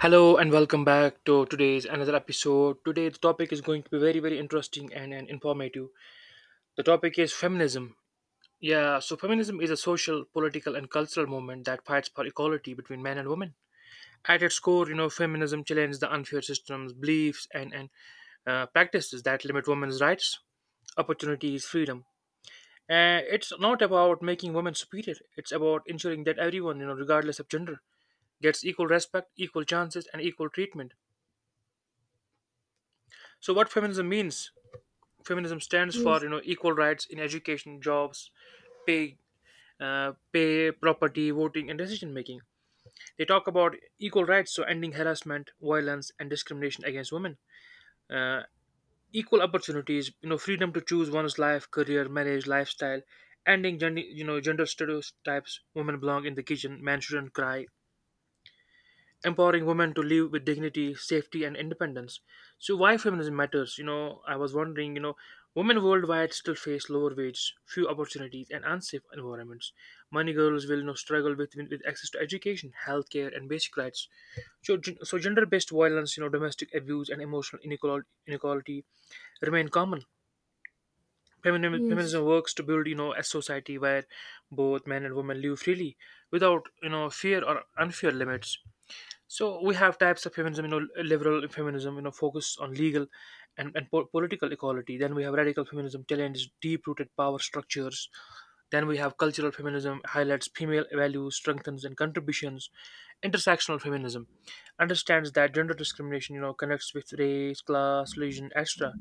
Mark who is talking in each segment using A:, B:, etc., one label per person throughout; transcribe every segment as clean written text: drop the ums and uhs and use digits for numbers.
A: Hello and welcome back to today's another episode. Today the topic is going to be very interesting and informative. The topic is feminism. Yeah, so feminism is a social, political and cultural movement that fights for equality between men and women. At its core, you know, feminism challenges the unfair systems, beliefs and practices that limit women's rights, opportunities, freedom. It's not about making women superior. It's about ensuring that everyone, you know, regardless of gender, gets equal respect, equal chances and equal treatment. So what feminism means? Feminism stands for,
B: Yes,
A: you know, equal rights in education, jobs, pay pay, property, voting and decision making. They talk about equal rights, so ending harassment, violence and discrimination against women, uh, equal opportunities, you know, freedom to choose one's life, career, marriage, lifestyle, ending gender you know gender stereotypes. Women belong in the kitchen, men shouldn't cry. Empowering women to live with dignity, safety, and independence. So, why feminism matters? You know, I was wondering, you know, women worldwide still face lower wages, few opportunities, and unsafe environments. Many girls will, you know, struggle with access to education, healthcare, and basic rights. So, so gender-based violence, you know, domestic abuse, and emotional inequality remain common. Feminism,
B: yes,
A: feminism works to build, you know, a society where both men and women live freely, without, you know, fear or unfair limits. So we have types of feminism, you know, liberal feminism, you know, focused on legal and political equality. Then we have radical feminism, challenges deep-rooted power structures. Then we have cultural feminism, highlights female values, strengthens and contributions. Intersectional feminism understands that gender discrimination, you know, connects with race, class, religion, etc.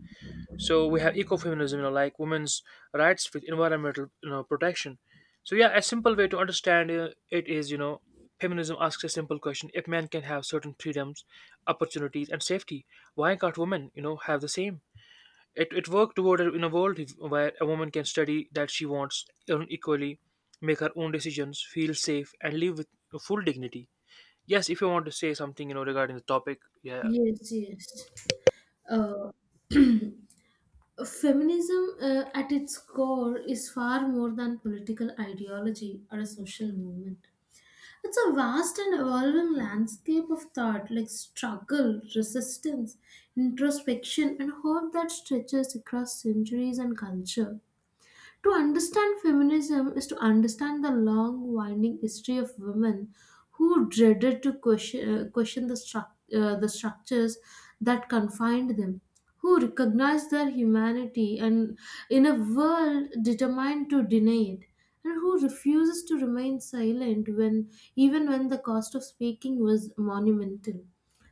A: So we have ecofeminism, you know, like women's rights with environmental, you know, protection. So yeah, a simple way to understand it is, you know, feminism asks a simple question: if men can have certain freedoms, opportunities, and safety, why can't women, you know, have the same? It worked toward in a world where a woman can study that she wants, earn equally, make her own decisions, feel safe, and live with full dignity. Yes, if you want to say something, you know, regarding the topic, yeah,
B: yes, yes. Uh, Feminism, at its core, is far more than political ideology or a social movement. It's a vast and evolving landscape of thought, like struggle, resistance, introspection, and hope that stretches across centuries and culture. To understand feminism is to understand the long, winding history of women who dreaded to question the structures that confined them, who recognized their humanity and in a world determined to deny it, and who refuses to remain silent when even when the cost of speaking was monumental.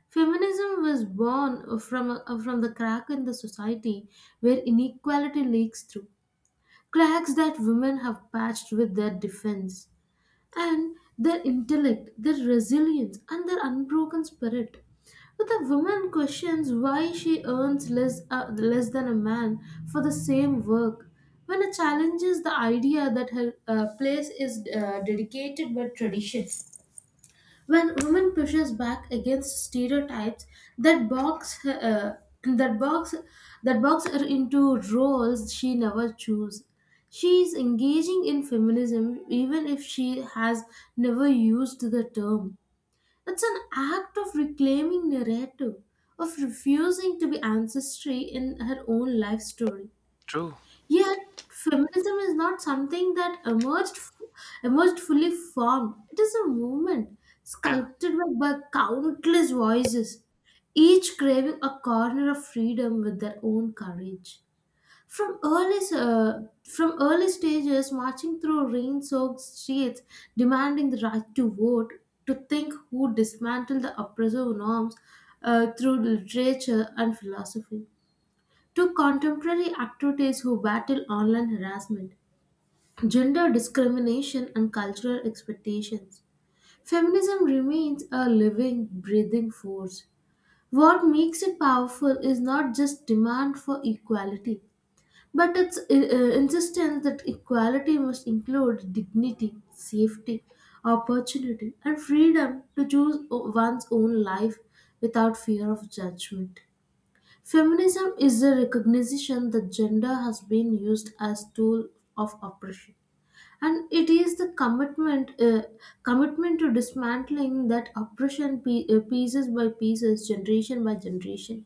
B: Feminism was born from the crack in the society where inequality leaks through cracks that women have patched with their defense and their intellect, their resilience, and their unbroken spirit. But the woman questions why she earns less than a man for the same work. When it challenges the idea that her place is dedicated by tradition, when women pushes back against stereotypes that box uh, that box that box her into roles she never chose. She is engaging in feminism even if she has never used the term. It's an act of reclaiming narrative, of refusing to be ancestry in her own life story.
A: true,
B: Yet, feminism is not something that emerged fully formed. It is a movement
A: yeah,
B: sculpted by countless voices, each craving a corner of freedom with their own courage. From early uh, from early stages, marching through rain-soaked streets, demanding the right to vote, to think, who dismantled the oppressive norms through literature and philosophy, to contemporary activities who battle online harassment, gender discrimination, and cultural expectations. Feminism remains a living, breathing force. What makes it powerful is not just demand for equality, but its insistence that equality must include dignity, safety, opportunity, and freedom to choose one's own life without fear of judgment. Feminism is the recognition that gender has been used as tool of oppression, and it is the commitment to dismantling that oppression pieces by pieces, generation by generation.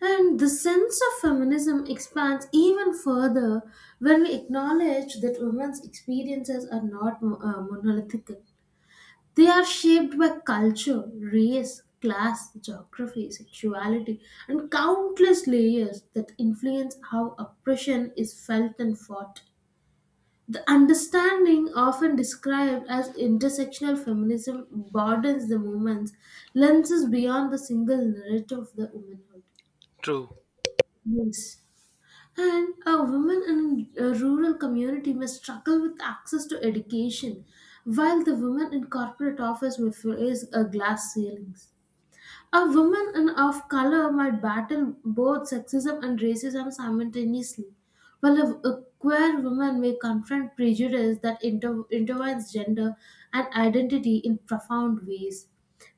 B: And the sense of feminism expands even further when we acknowledge that women's experiences are not monolithic. They are shaped by culture, race, class, geography, sexuality, and countless layers that influence how oppression is felt and fought. The understanding, often described as intersectional feminism, broadens the movement's lenses beyond the single narrative of the womanhood.
A: true.
B: Yes. And a woman in a rural community may struggle with access to education, while the woman in corporate office may face a glass ceiling. A woman in of color might battle both sexism and racism simultaneously, while a queer woman may confront prejudice that intertwines gender and identity in profound ways.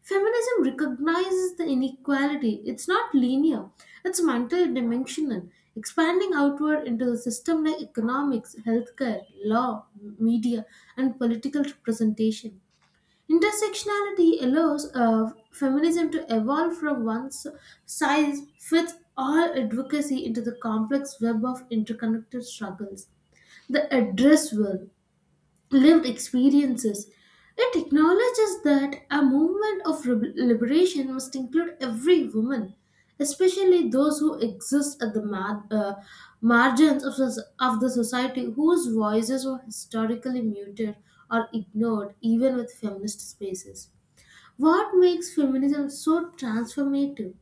B: Feminism recognizes the inequality. It's not linear, it's multidimensional, expanding outward into the system like economics, healthcare, law, media, and political representation. Intersectionality allows feminism to evolve from size fits all advocacy into the complex web of interconnected struggles. The address will lived experiences. It acknowledges that a movement of liberation must include every woman, especially those who exist at the margins of, of the society, whose voices were historically muted or ignored even with feminist spaces. What makes feminism so transformative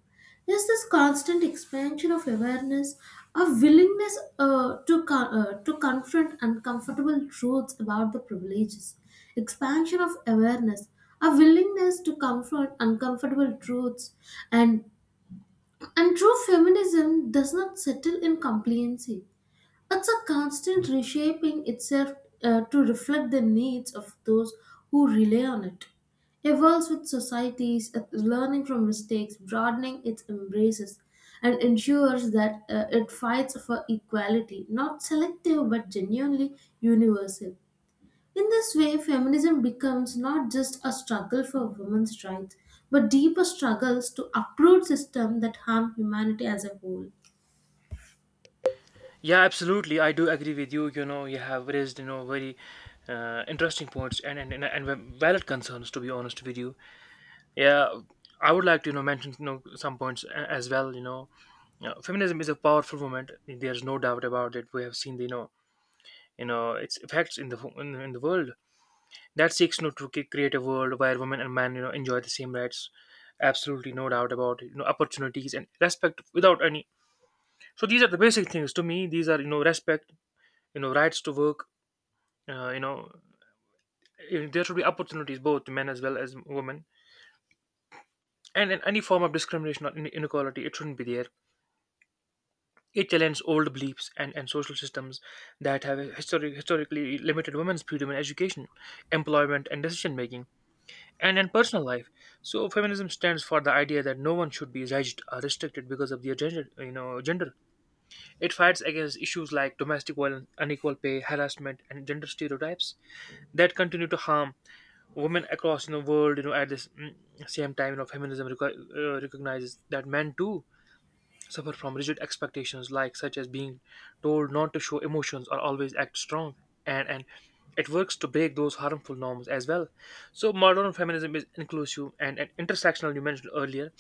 B: is this constant expansion of awareness, a willingness to confront uncomfortable truths about the privileges, expansion of awareness, a willingness to confront uncomfortable truths, and and true feminism does not settle in complacency. It's a constant reshaping itself to reflect the needs of those who rely on it. Evolves with societies, learning from mistakes, broadening its embraces, and ensures that it fights for equality, not selective but genuinely universal. In this way, feminism becomes not just a struggle for women's rights, but deeper struggles to uproot systems that harm humanity as a whole.
A: Yeah, absolutely. I do agree with you. You know, you have raised, you know, very interesting points and valid concerns. To be honest with you, yeah, I would like to, you know, mention, you know, some points as well. You know, feminism is a powerful movement. There's no doubt about it. We have seen the, you know, you know, its effects in in the world that seeks, you know, to create a world where women and men, you know, enjoy the same rights. Absolutely, no doubt about it. You know, opportunities and respect without any. So these are the basic things to me. These are, you know, respect, you know, rights to work, you know, there should be opportunities both to men as well as women, and in any form of discrimination or inequality, it shouldn't be there. It challenges old beliefs and social systems that have historically limited women's freedom in education, employment and decision making, and in personal life. So feminism stands for the idea that no one should be judged or restricted because of their gender you know gender. It fights against issues like domestic violence, unequal pay, harassment and gender stereotypes that continue to harm women across in the world, you know, at this same time. You know, feminism recognizes that men too suffer from rigid expectations like, such as being told not to show emotions or always act strong, and it works to break those harmful norms as well. So modern feminism is inclusive and intersectional, you mentioned earlier,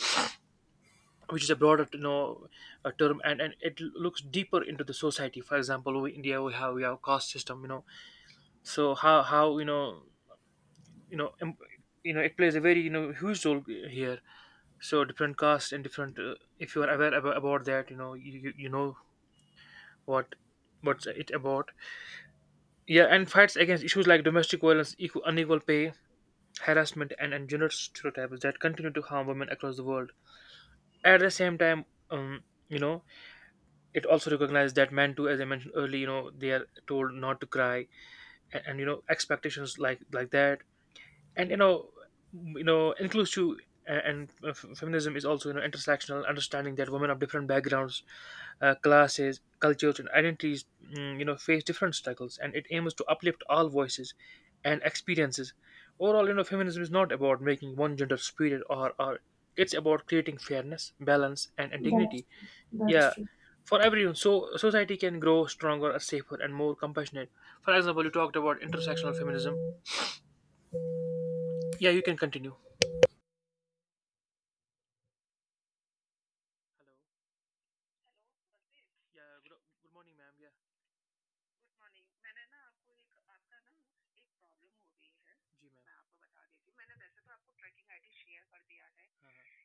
A: which is a broader, you know, term, and it looks deeper into the society. For example, we india we have caste system, you know. So how, you know, you know, you know, it plays a very, you know, huge role here. So different cast and different, if you are aware about that, you know, you, you know, what what's it about? Yeah. And fights against issues like domestic violence, unequal pay, harassment and gender stereotypes that continue to harm women across the world at the same time. You know, it also recognizes that men too, as I mentioned earlier, you know, they are told not to cry, and you know, expectations like that, and you know, you know, inclusive. And feminism is also, you know, intersectional, understanding that women of different backgrounds, classes, cultures and identities, you know, face different struggles, and it aims to uplift all voices and experiences. Overall, you know, feminism is not about making one gender superior, or it's about creating fairness, balance and
B: That's
A: dignity,
B: true. That's
A: yeah,
B: true.
A: for everyone, so society can grow stronger, safer and more compassionate. For example, you talked about intersectional feminism. Yeah, you can continue. Hello. Yeah good morning ma'am yeah good morning मैंने ना आपको एक आपका जी ma'am हाँ हाँ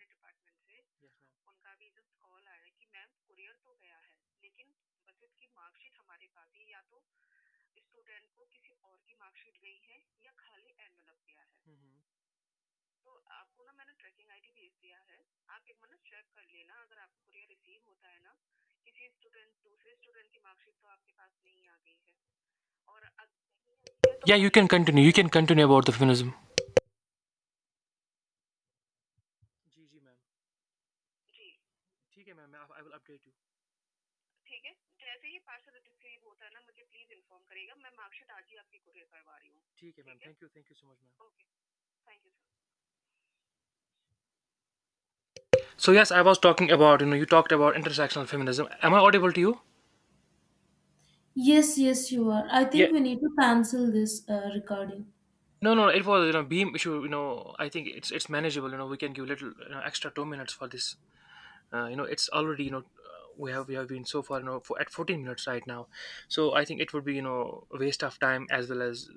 A: से yes ma'am. Yeah, you can continue. You can continue about the feminism. जी जी मैम ठीक है ma'am I will update you ठीक है thank you so much ma'am. So yes, I was talking about, you know, you talked about intersectional feminism. Am I audible to you?
B: Yes, yes, you are. I
A: Yeah.
B: think we need to cancel this recording.
A: No, no, it was, you know, beam issue. You know, I think it's manageable. You know, we can give little, you know, extra 2 minutes for this. You know, it's already, you know, we have been so far, you know, at 14 minutes right now. So I think it would be, you know, a waste of time as well as,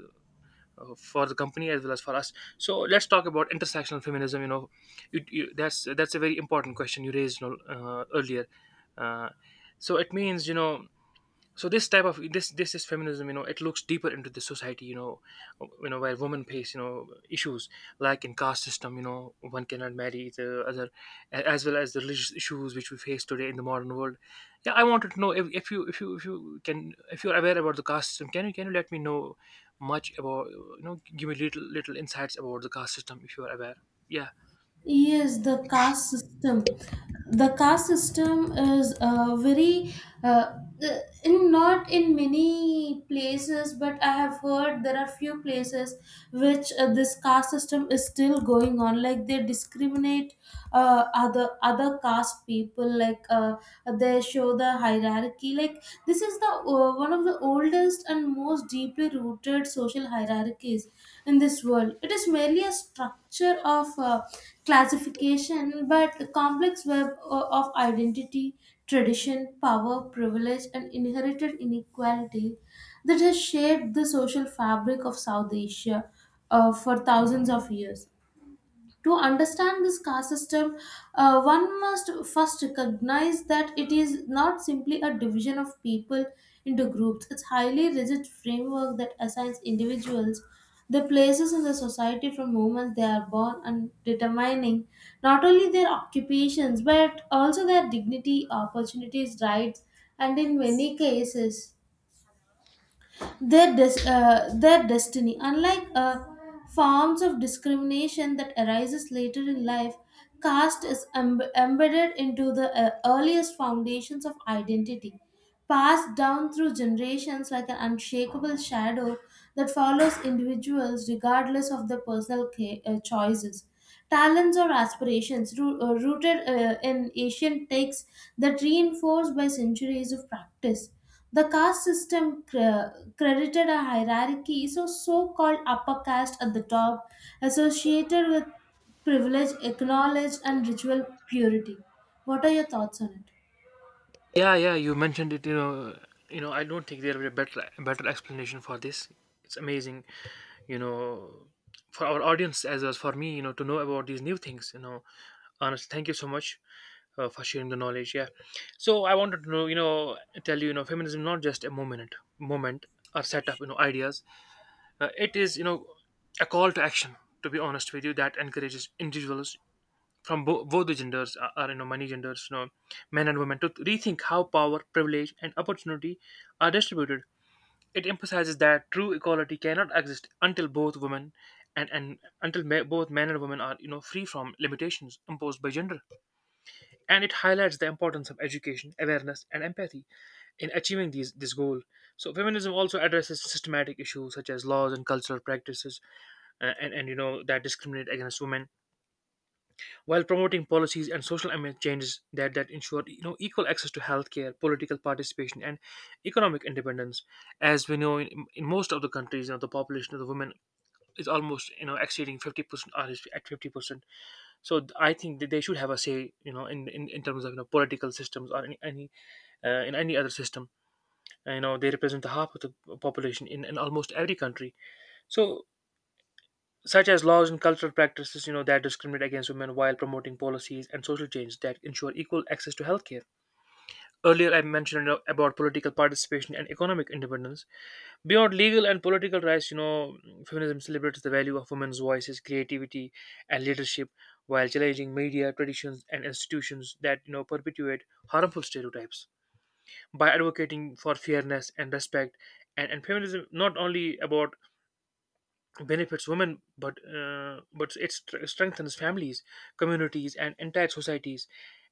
A: for the company as well as for us. So let's talk about intersectional feminism. You know, that's a very important question you raised, you know, earlier. Uh, so it means, you know, so this type of this is feminism, you know, it looks deeper into the society, you know, you know, where women face, you know, issues like in caste system, you know, one cannot marry the other, as well as the religious issues which we face today in the modern world. Yeah, I wanted to know if you can, if you're aware about the caste system. Can you, can you let me know much about, you know, give me little insights about the caste system, if you are aware. Yeah.
B: Yes, the caste system. The caste system is very uh, uh, in not in many places, but I have heard there are few places which, this caste system is still going on. Like they discriminate other caste people. They show the hierarchy, like this is the one of the oldest and most deeply rooted social hierarchies in this world. It is merely a structure of classification, but a complex web of identity, tradition, power, privilege, and inherited inequality that has shaped the social fabric of South Asia for thousands of years. To understand this caste system, one must first recognize that it is not simply a division of people into groups. It's highly rigid framework that assigns individuals the places in the society from moments they are born, and determining not only their occupations but also their dignity, opportunities, rights, and in many cases their destiny. Unlike forms of discrimination that arises later in life, caste is embedded into the earliest foundations of identity, passed down through generations like an unshakable shadow that follows individuals regardless of their choices, talents or aspirations, rooted in ancient texts that reinforced by centuries of practice. The caste system credited a hierarchy, so so called upper caste at the top, associated with privilege, acknowledged, and ritual purity. What are your thoughts on it?
A: Yeah, yeah, you mentioned it. You know, I don't think there will be a better explanation for this. It's amazing, you know, for our audience as well as for me, you know, to know about these new things. You know, honestly, thank you so much, for sharing the knowledge. Yeah, so I wanted to know, you know, tell you, you know, feminism is not just a moment or set up, you know, ideas. It is, you know, a call to action. To be honest with you, that encourages individuals from both the genders, or you know, many genders, you know, men and women, to rethink how power, privilege and opportunity are distributed. It emphasizes that true equality cannot exist until both women and until both men and women are, you know, free from limitations imposed by gender, and it highlights the importance of education, awareness and empathy in achieving these this goal. So feminism also addresses systematic issues such as laws and cultural practices, and you know, that discriminate against women, while promoting policies and social amendment changes that ensure, you know, equal access to healthcare, political participation, and economic independence. As we know, in most of the countries, you know, the population of the women is almost, you know, exceeding 50% or is at 50%. So I think that they should have a say, you know, in terms of, you know, political systems or any in any other system. You know, they represent the half of the population in almost every country. So such as laws and cultural practices, you know, that discriminate against women, while promoting policies and social change that ensure equal access to healthcare. Earlier, I mentioned, you know, about political participation and economic independence. Beyond legal and political rights, you know, feminism celebrates the value of women's voices, creativity, and leadership, while challenging media traditions and institutions that, you know, perpetuate harmful stereotypes. By advocating for fairness and respect, and feminism not only about benefits women but it strengthens families, communities, and entire societies,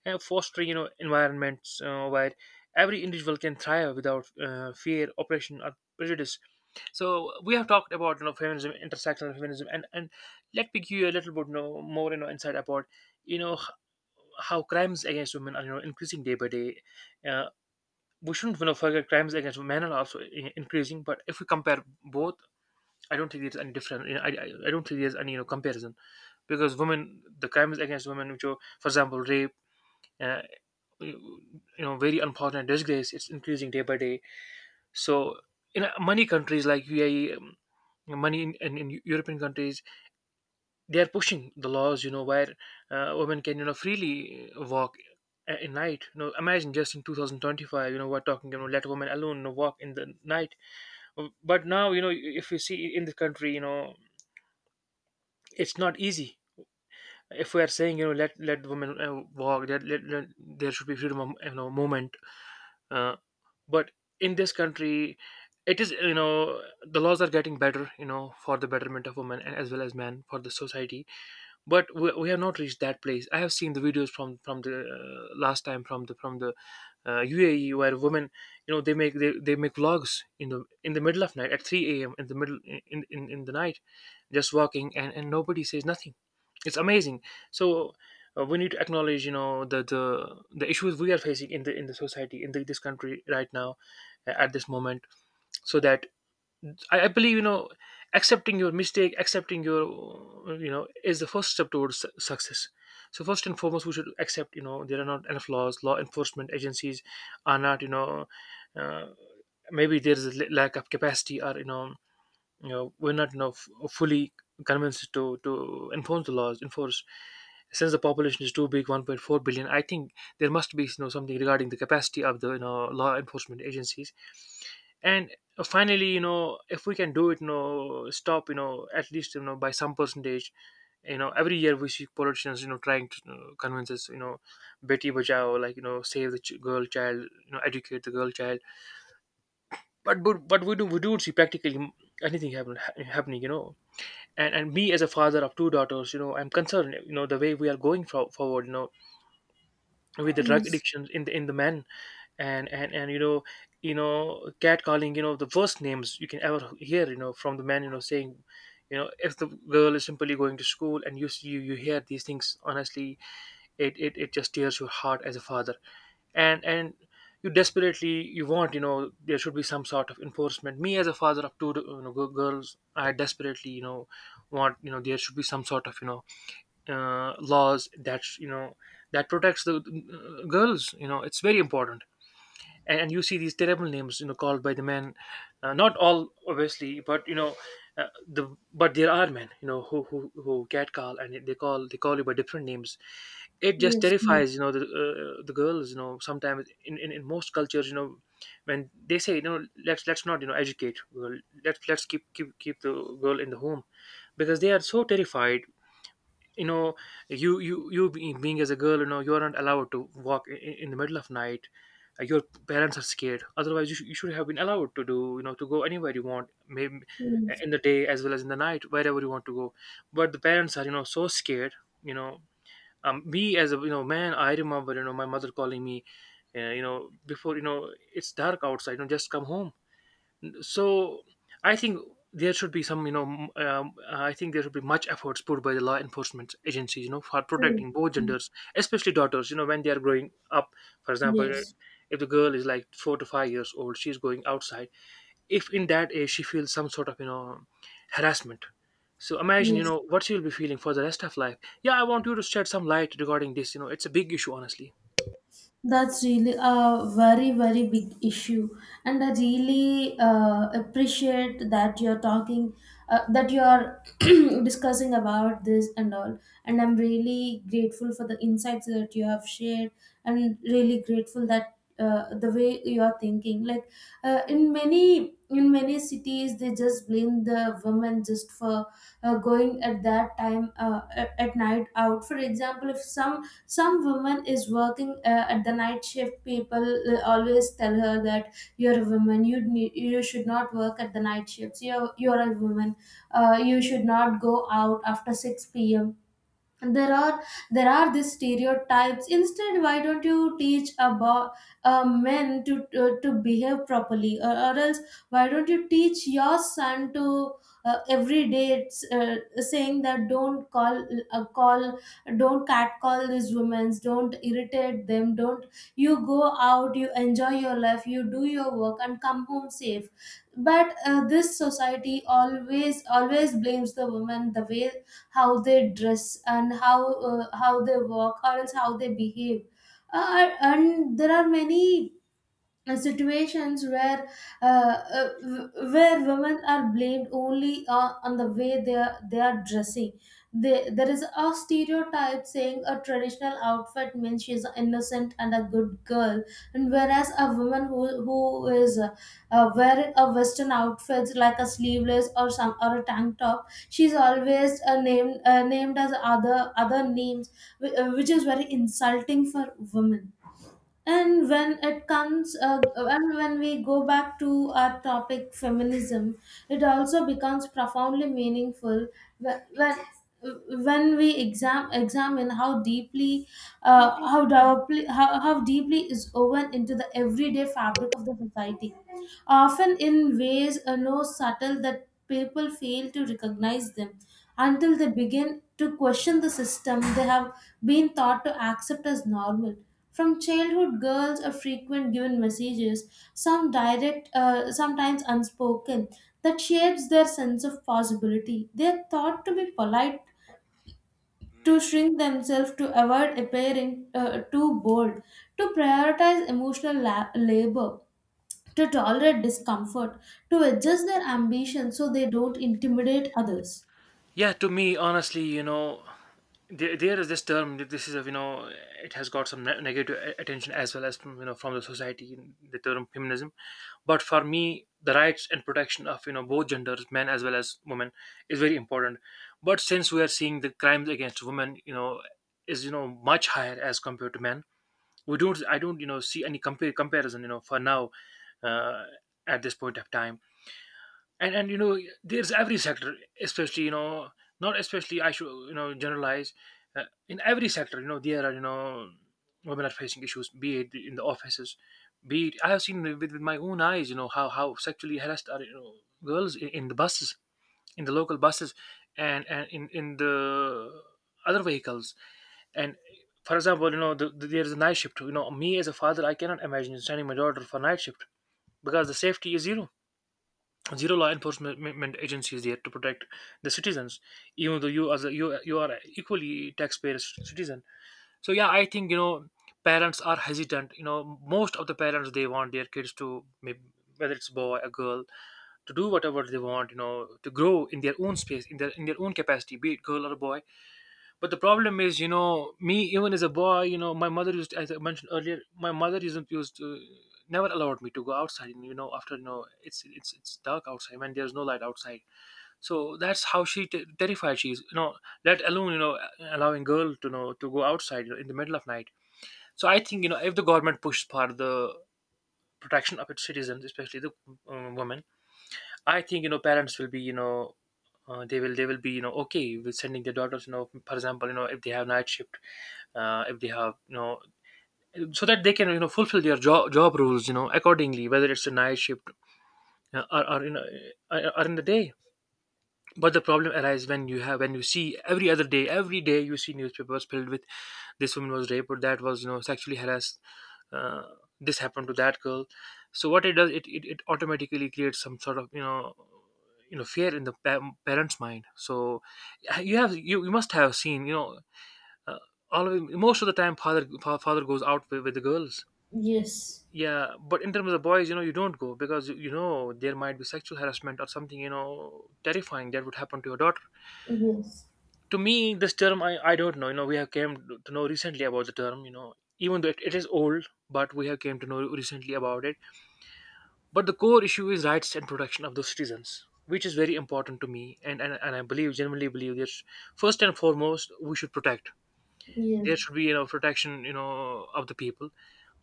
A: and fostering environments, where every individual can thrive without fear, oppression, or prejudice. So we have talked about feminism, intersectional feminism, and let me give you a little bit, more insight about you know h- how crimes against women are increasing day by day. uh, we shouldn't forget crimes against men are also increasing, but if we compare both, I don't think there's any different. I don't think there's any comparison, because women, the crimes against women, which are, for example, rape, uh, very unfortunate, disgrace, it's increasing day by day. So in many countries like UAE, money in European countries, they are pushing the laws, where women can freely walk in night. Imagine, just in 2025, we're talking, let women alone, walk in the night. But now, if you see in the country, it's not easy. If we are saying let women walk, that let there should be freedom of movement, uh, but in this country, it is, the laws are getting better, for the betterment of women and as well as men for the society. But we have not reached that place. I have seen the videos from the last time, from the UAE, where women, they make, they make vlogs in the middle of night at 3 a.m., in the middle, in the night, just walking, and nobody says nothing. It's amazing. So, we need to acknowledge the the issues we are facing in the society in this country right now, at this moment. So that, I believe, accepting your mistake, accepting your, is the first step towards success. So first and foremost, we should accept, there are not enough laws. Law enforcement agencies are not, uh, maybe there is a lack of capacity, or you know we're not fully convinced to enforce the laws, enforce, since the population is too big, 1.4 billion, I think. There must be something regarding the capacity of the law enforcement agencies. And finally, if we can do it, stop, at least by some percentage. Every year we see politicians trying to, convince us, beti bachao, like, save the girl child, educate the girl child. But we do, we do see practically anything happen, happening, and me as a father of two daughters, I'm concerned, the way we are going forward, with the drug
B: Yes,
A: addictions in the men. And you know cat calling, the worst names you can ever hear, from the men, saying, if the girl is simply going to school, and you see, you hear these things, honestly, it just tears your heart as a father. And you desperately, you want, there should be some sort of enforcement. Me as a father of two, girls, I desperately, want, there should be some sort of, laws that, that protects the girls, it's very important. And you see these terrible names, called by the men, not all, obviously, but, you know the but there are men, who catcall, and they call, they call you by different names. It just
B: yes,
A: terrifies,
B: yes,
A: the girls, sometimes in most cultures, when they say, let's not, educate girl. Let's keep, keep the girl in the home, because they are so terrified. you know Being as a girl, you're not allowed to walk in the middle of night. Your parents are scared, otherwise you, you should have been allowed to do, to go anywhere you want, maybe
B: yes,
A: in the day as well as in the night, wherever you want to go. But the parents are, so scared, you know me as a man, I remember, my mother calling me, uh, you know before, it's dark outside, just come home. So I think there should be some, I think there should be much efforts put by the law enforcement agencies, for
B: true,
A: protecting both
B: true.
A: genders, especially daughters, when they are growing up. For example,
B: Yes,
A: if the girl is like 4 to 5 years old, she's going outside. If in that age she feels some sort of, harassment. So imagine,
B: yes.
A: what she will be feeling for the rest of life. Yeah, I want you to shed some light regarding this. You know, it's a big issue, honestly.
B: That's really a very, very big issue. And I really appreciate that you're talking, that you're discussing about this and all. And I'm really grateful for the insights that you have shared, and really grateful that, the way you are thinking. Like, in many cities, they just blame the women just for going at that time at night out. For example, if some woman is working at the night shift, people always tell her that you're a woman, you you should not work at the night shifts, you're a woman, you should not go out after 6 p.m. there are there are these stereotypes. Instead, why don't you teach about men to to behave properly? Or else, why don't you teach your son to, every day it's, saying that uh, call don't cat call these women, don't irritate them, don't. You go out, you enjoy your life, you do your work, and come home safe. But this society always always blames the woman, the way how they dress and how, how they walk, or else how they behave. And there are many situations where where women are blamed only on the way they are dressing. There is a stereotype saying a traditional outfit means she's innocent and a good girl, and whereas a woman who is, wearing a western outfit like a sleeveless or some or a tank top, she's always, named as other names, which is very insulting for women. And when it comes, and when we go back to our topic, feminism, it also becomes profoundly meaningful when when, when we examine how deeply, how deeply is woven into the everyday fabric of the society, often in ways no subtle that people fail to recognize them until they begin to question the system they have been taught to accept as normal. From childhood, girls are frequent given messages, some direct, sometimes unspoken, that shapes their sense of possibility. They are thought to be polite, to shrink themselves, to avoid appearing too bold, to prioritize labor, to tolerate discomfort, to adjust their ambition so they don't intimidate others.
A: Yeah, to me, honestly, there is this term. This is a, it has got some negative attention as well as from, from the society. The term feminism, but for me, the rights and protection of, both genders, men as well as women, is very important. But since we are seeing the crimes against women, is, much higher as compared to men. We don't, I don't, see any compare comparison, for now, uh, at this point of time. And there's every sector, especially, not especially, I should, generalize. In every sector, there are, women are facing issues, be it in the offices, be it, I have seen with my own eyes, how sexually harassed are, girls in the buses, in the local buses, and in the other vehicles. And for example, there is a night shift. Me as a father, I cannot imagine sending my daughter for night shift, because the safety is zero. Zero law enforcement agency is there to protect the citizens, even though you as a, you are equally taxpayer citizen. So yeah, I think, parents are hesitant. You know, most of the parents, they want their kids to, maybe, whether it's boy or girl, to do whatever they want. You know, to grow in their own space, in their, in their own capacity, be it girl or boy. But the problem is, me even as a boy, my mother used, as I mentioned earlier, my mother isn't used to, never allowed me to go outside. You know, after, it's dark outside, when there's no light outside. So that's how terrified she is. You know, let alone, allowing girl to, to go outside, in the middle of night. So I think, if the government pushes for the protection of its citizens, especially the women, I think, parents will be, they will be, okay with sending their daughters, for example, if they have night shift, if they have, so that they can, fulfill their job rules, accordingly, whether it's a night shift, or, or in the day. But the problem arises when you have, when you see every other day, every day, you see newspapers filled with, this woman was raped, or that was, sexually harassed, uh, this happened to that girl. So what it does, it automatically creates some sort of, fear in the parents' mind. So you have, you must have seen, uh, most of the time, father, father goes out with the girls.
B: Yes,
A: Yeah, but in terms of boys, you don't go, because you know there might be sexual harassment, or something, terrifying that would happen to your daughter.
B: yes,
A: To me, this term, I don't know, we have came to know recently about the term, even though it is old, but we have came to know recently about it. But the core issue is rights and protection of the citizens, which is very important to me, and I believe, genuinely believe, that first and foremost we should protect.
B: yes,
A: There should be, protection, of the people.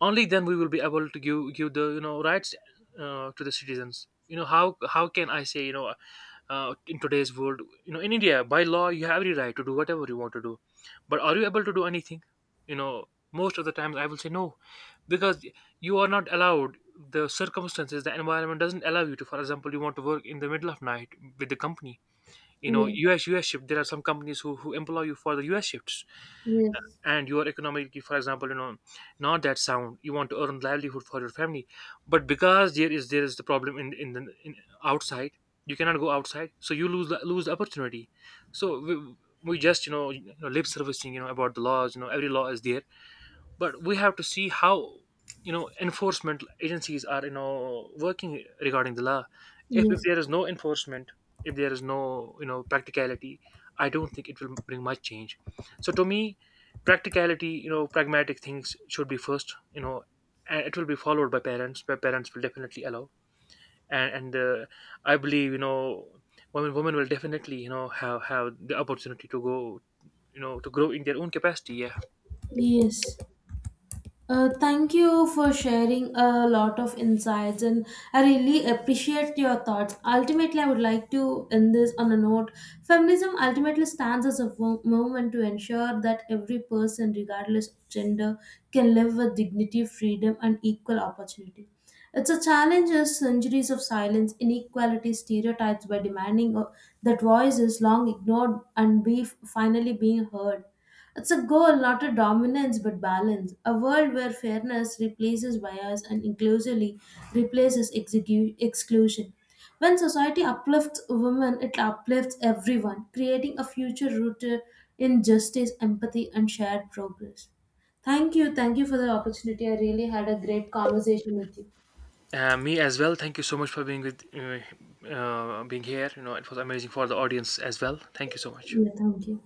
A: Only then we will be able to give the, rights, to the citizens. How how can I say, in today's world, in India, by law, you have the right to do whatever you want to do. But are you able to do anything? You know, most of the times, I will say no. Because you are not allowed, the circumstances, the environment doesn't allow you to. For example, you want to work in the middle of night with the company,
B: yes,
A: US shift. There are some companies who employ you for the US shifts.
B: yes,
A: And you are economically, for example, not that sound, you want to earn livelihood for your family, but because there is, there is the problem in the in outside, you cannot go outside, so you lose lose the opportunity. So we just, lip servicing, about the laws. Every law is there, but we have to see how, enforcement agencies are, working regarding the law. If
B: yes,
A: there is no enforcement, if there is no, practicality, I don't think it will bring much change. So to me, practicality, pragmatic things should be first, and it will be followed by parents, where parents will definitely allow. And I believe, women will definitely, have the opportunity to go, to grow in their own capacity. Yeah.
B: yes. Thank you for sharing a lot of insights, and I really appreciate your thoughts. Ultimately, I would like to end this on a note. Feminism ultimately stands as a movement to ensure that every person, regardless of gender, can live with dignity, freedom, and equal opportunity. It's a challenge as centuries of silence, inequality, stereotypes, by demanding that voices long ignored and be finally being heard. It's a goal, not a dominance, but balance. A world where fairness replaces bias and inclusively replaces exclusion. When society uplifts women, it uplifts everyone, creating a future rooted in justice, empathy, and shared progress. Thank you. Thank you for the opportunity. I really had a great conversation with you.
A: Me as well. Thank you so much for being with, being here. You know, it was amazing for the audience as well. Thank you so much.
B: Yeah, thank you.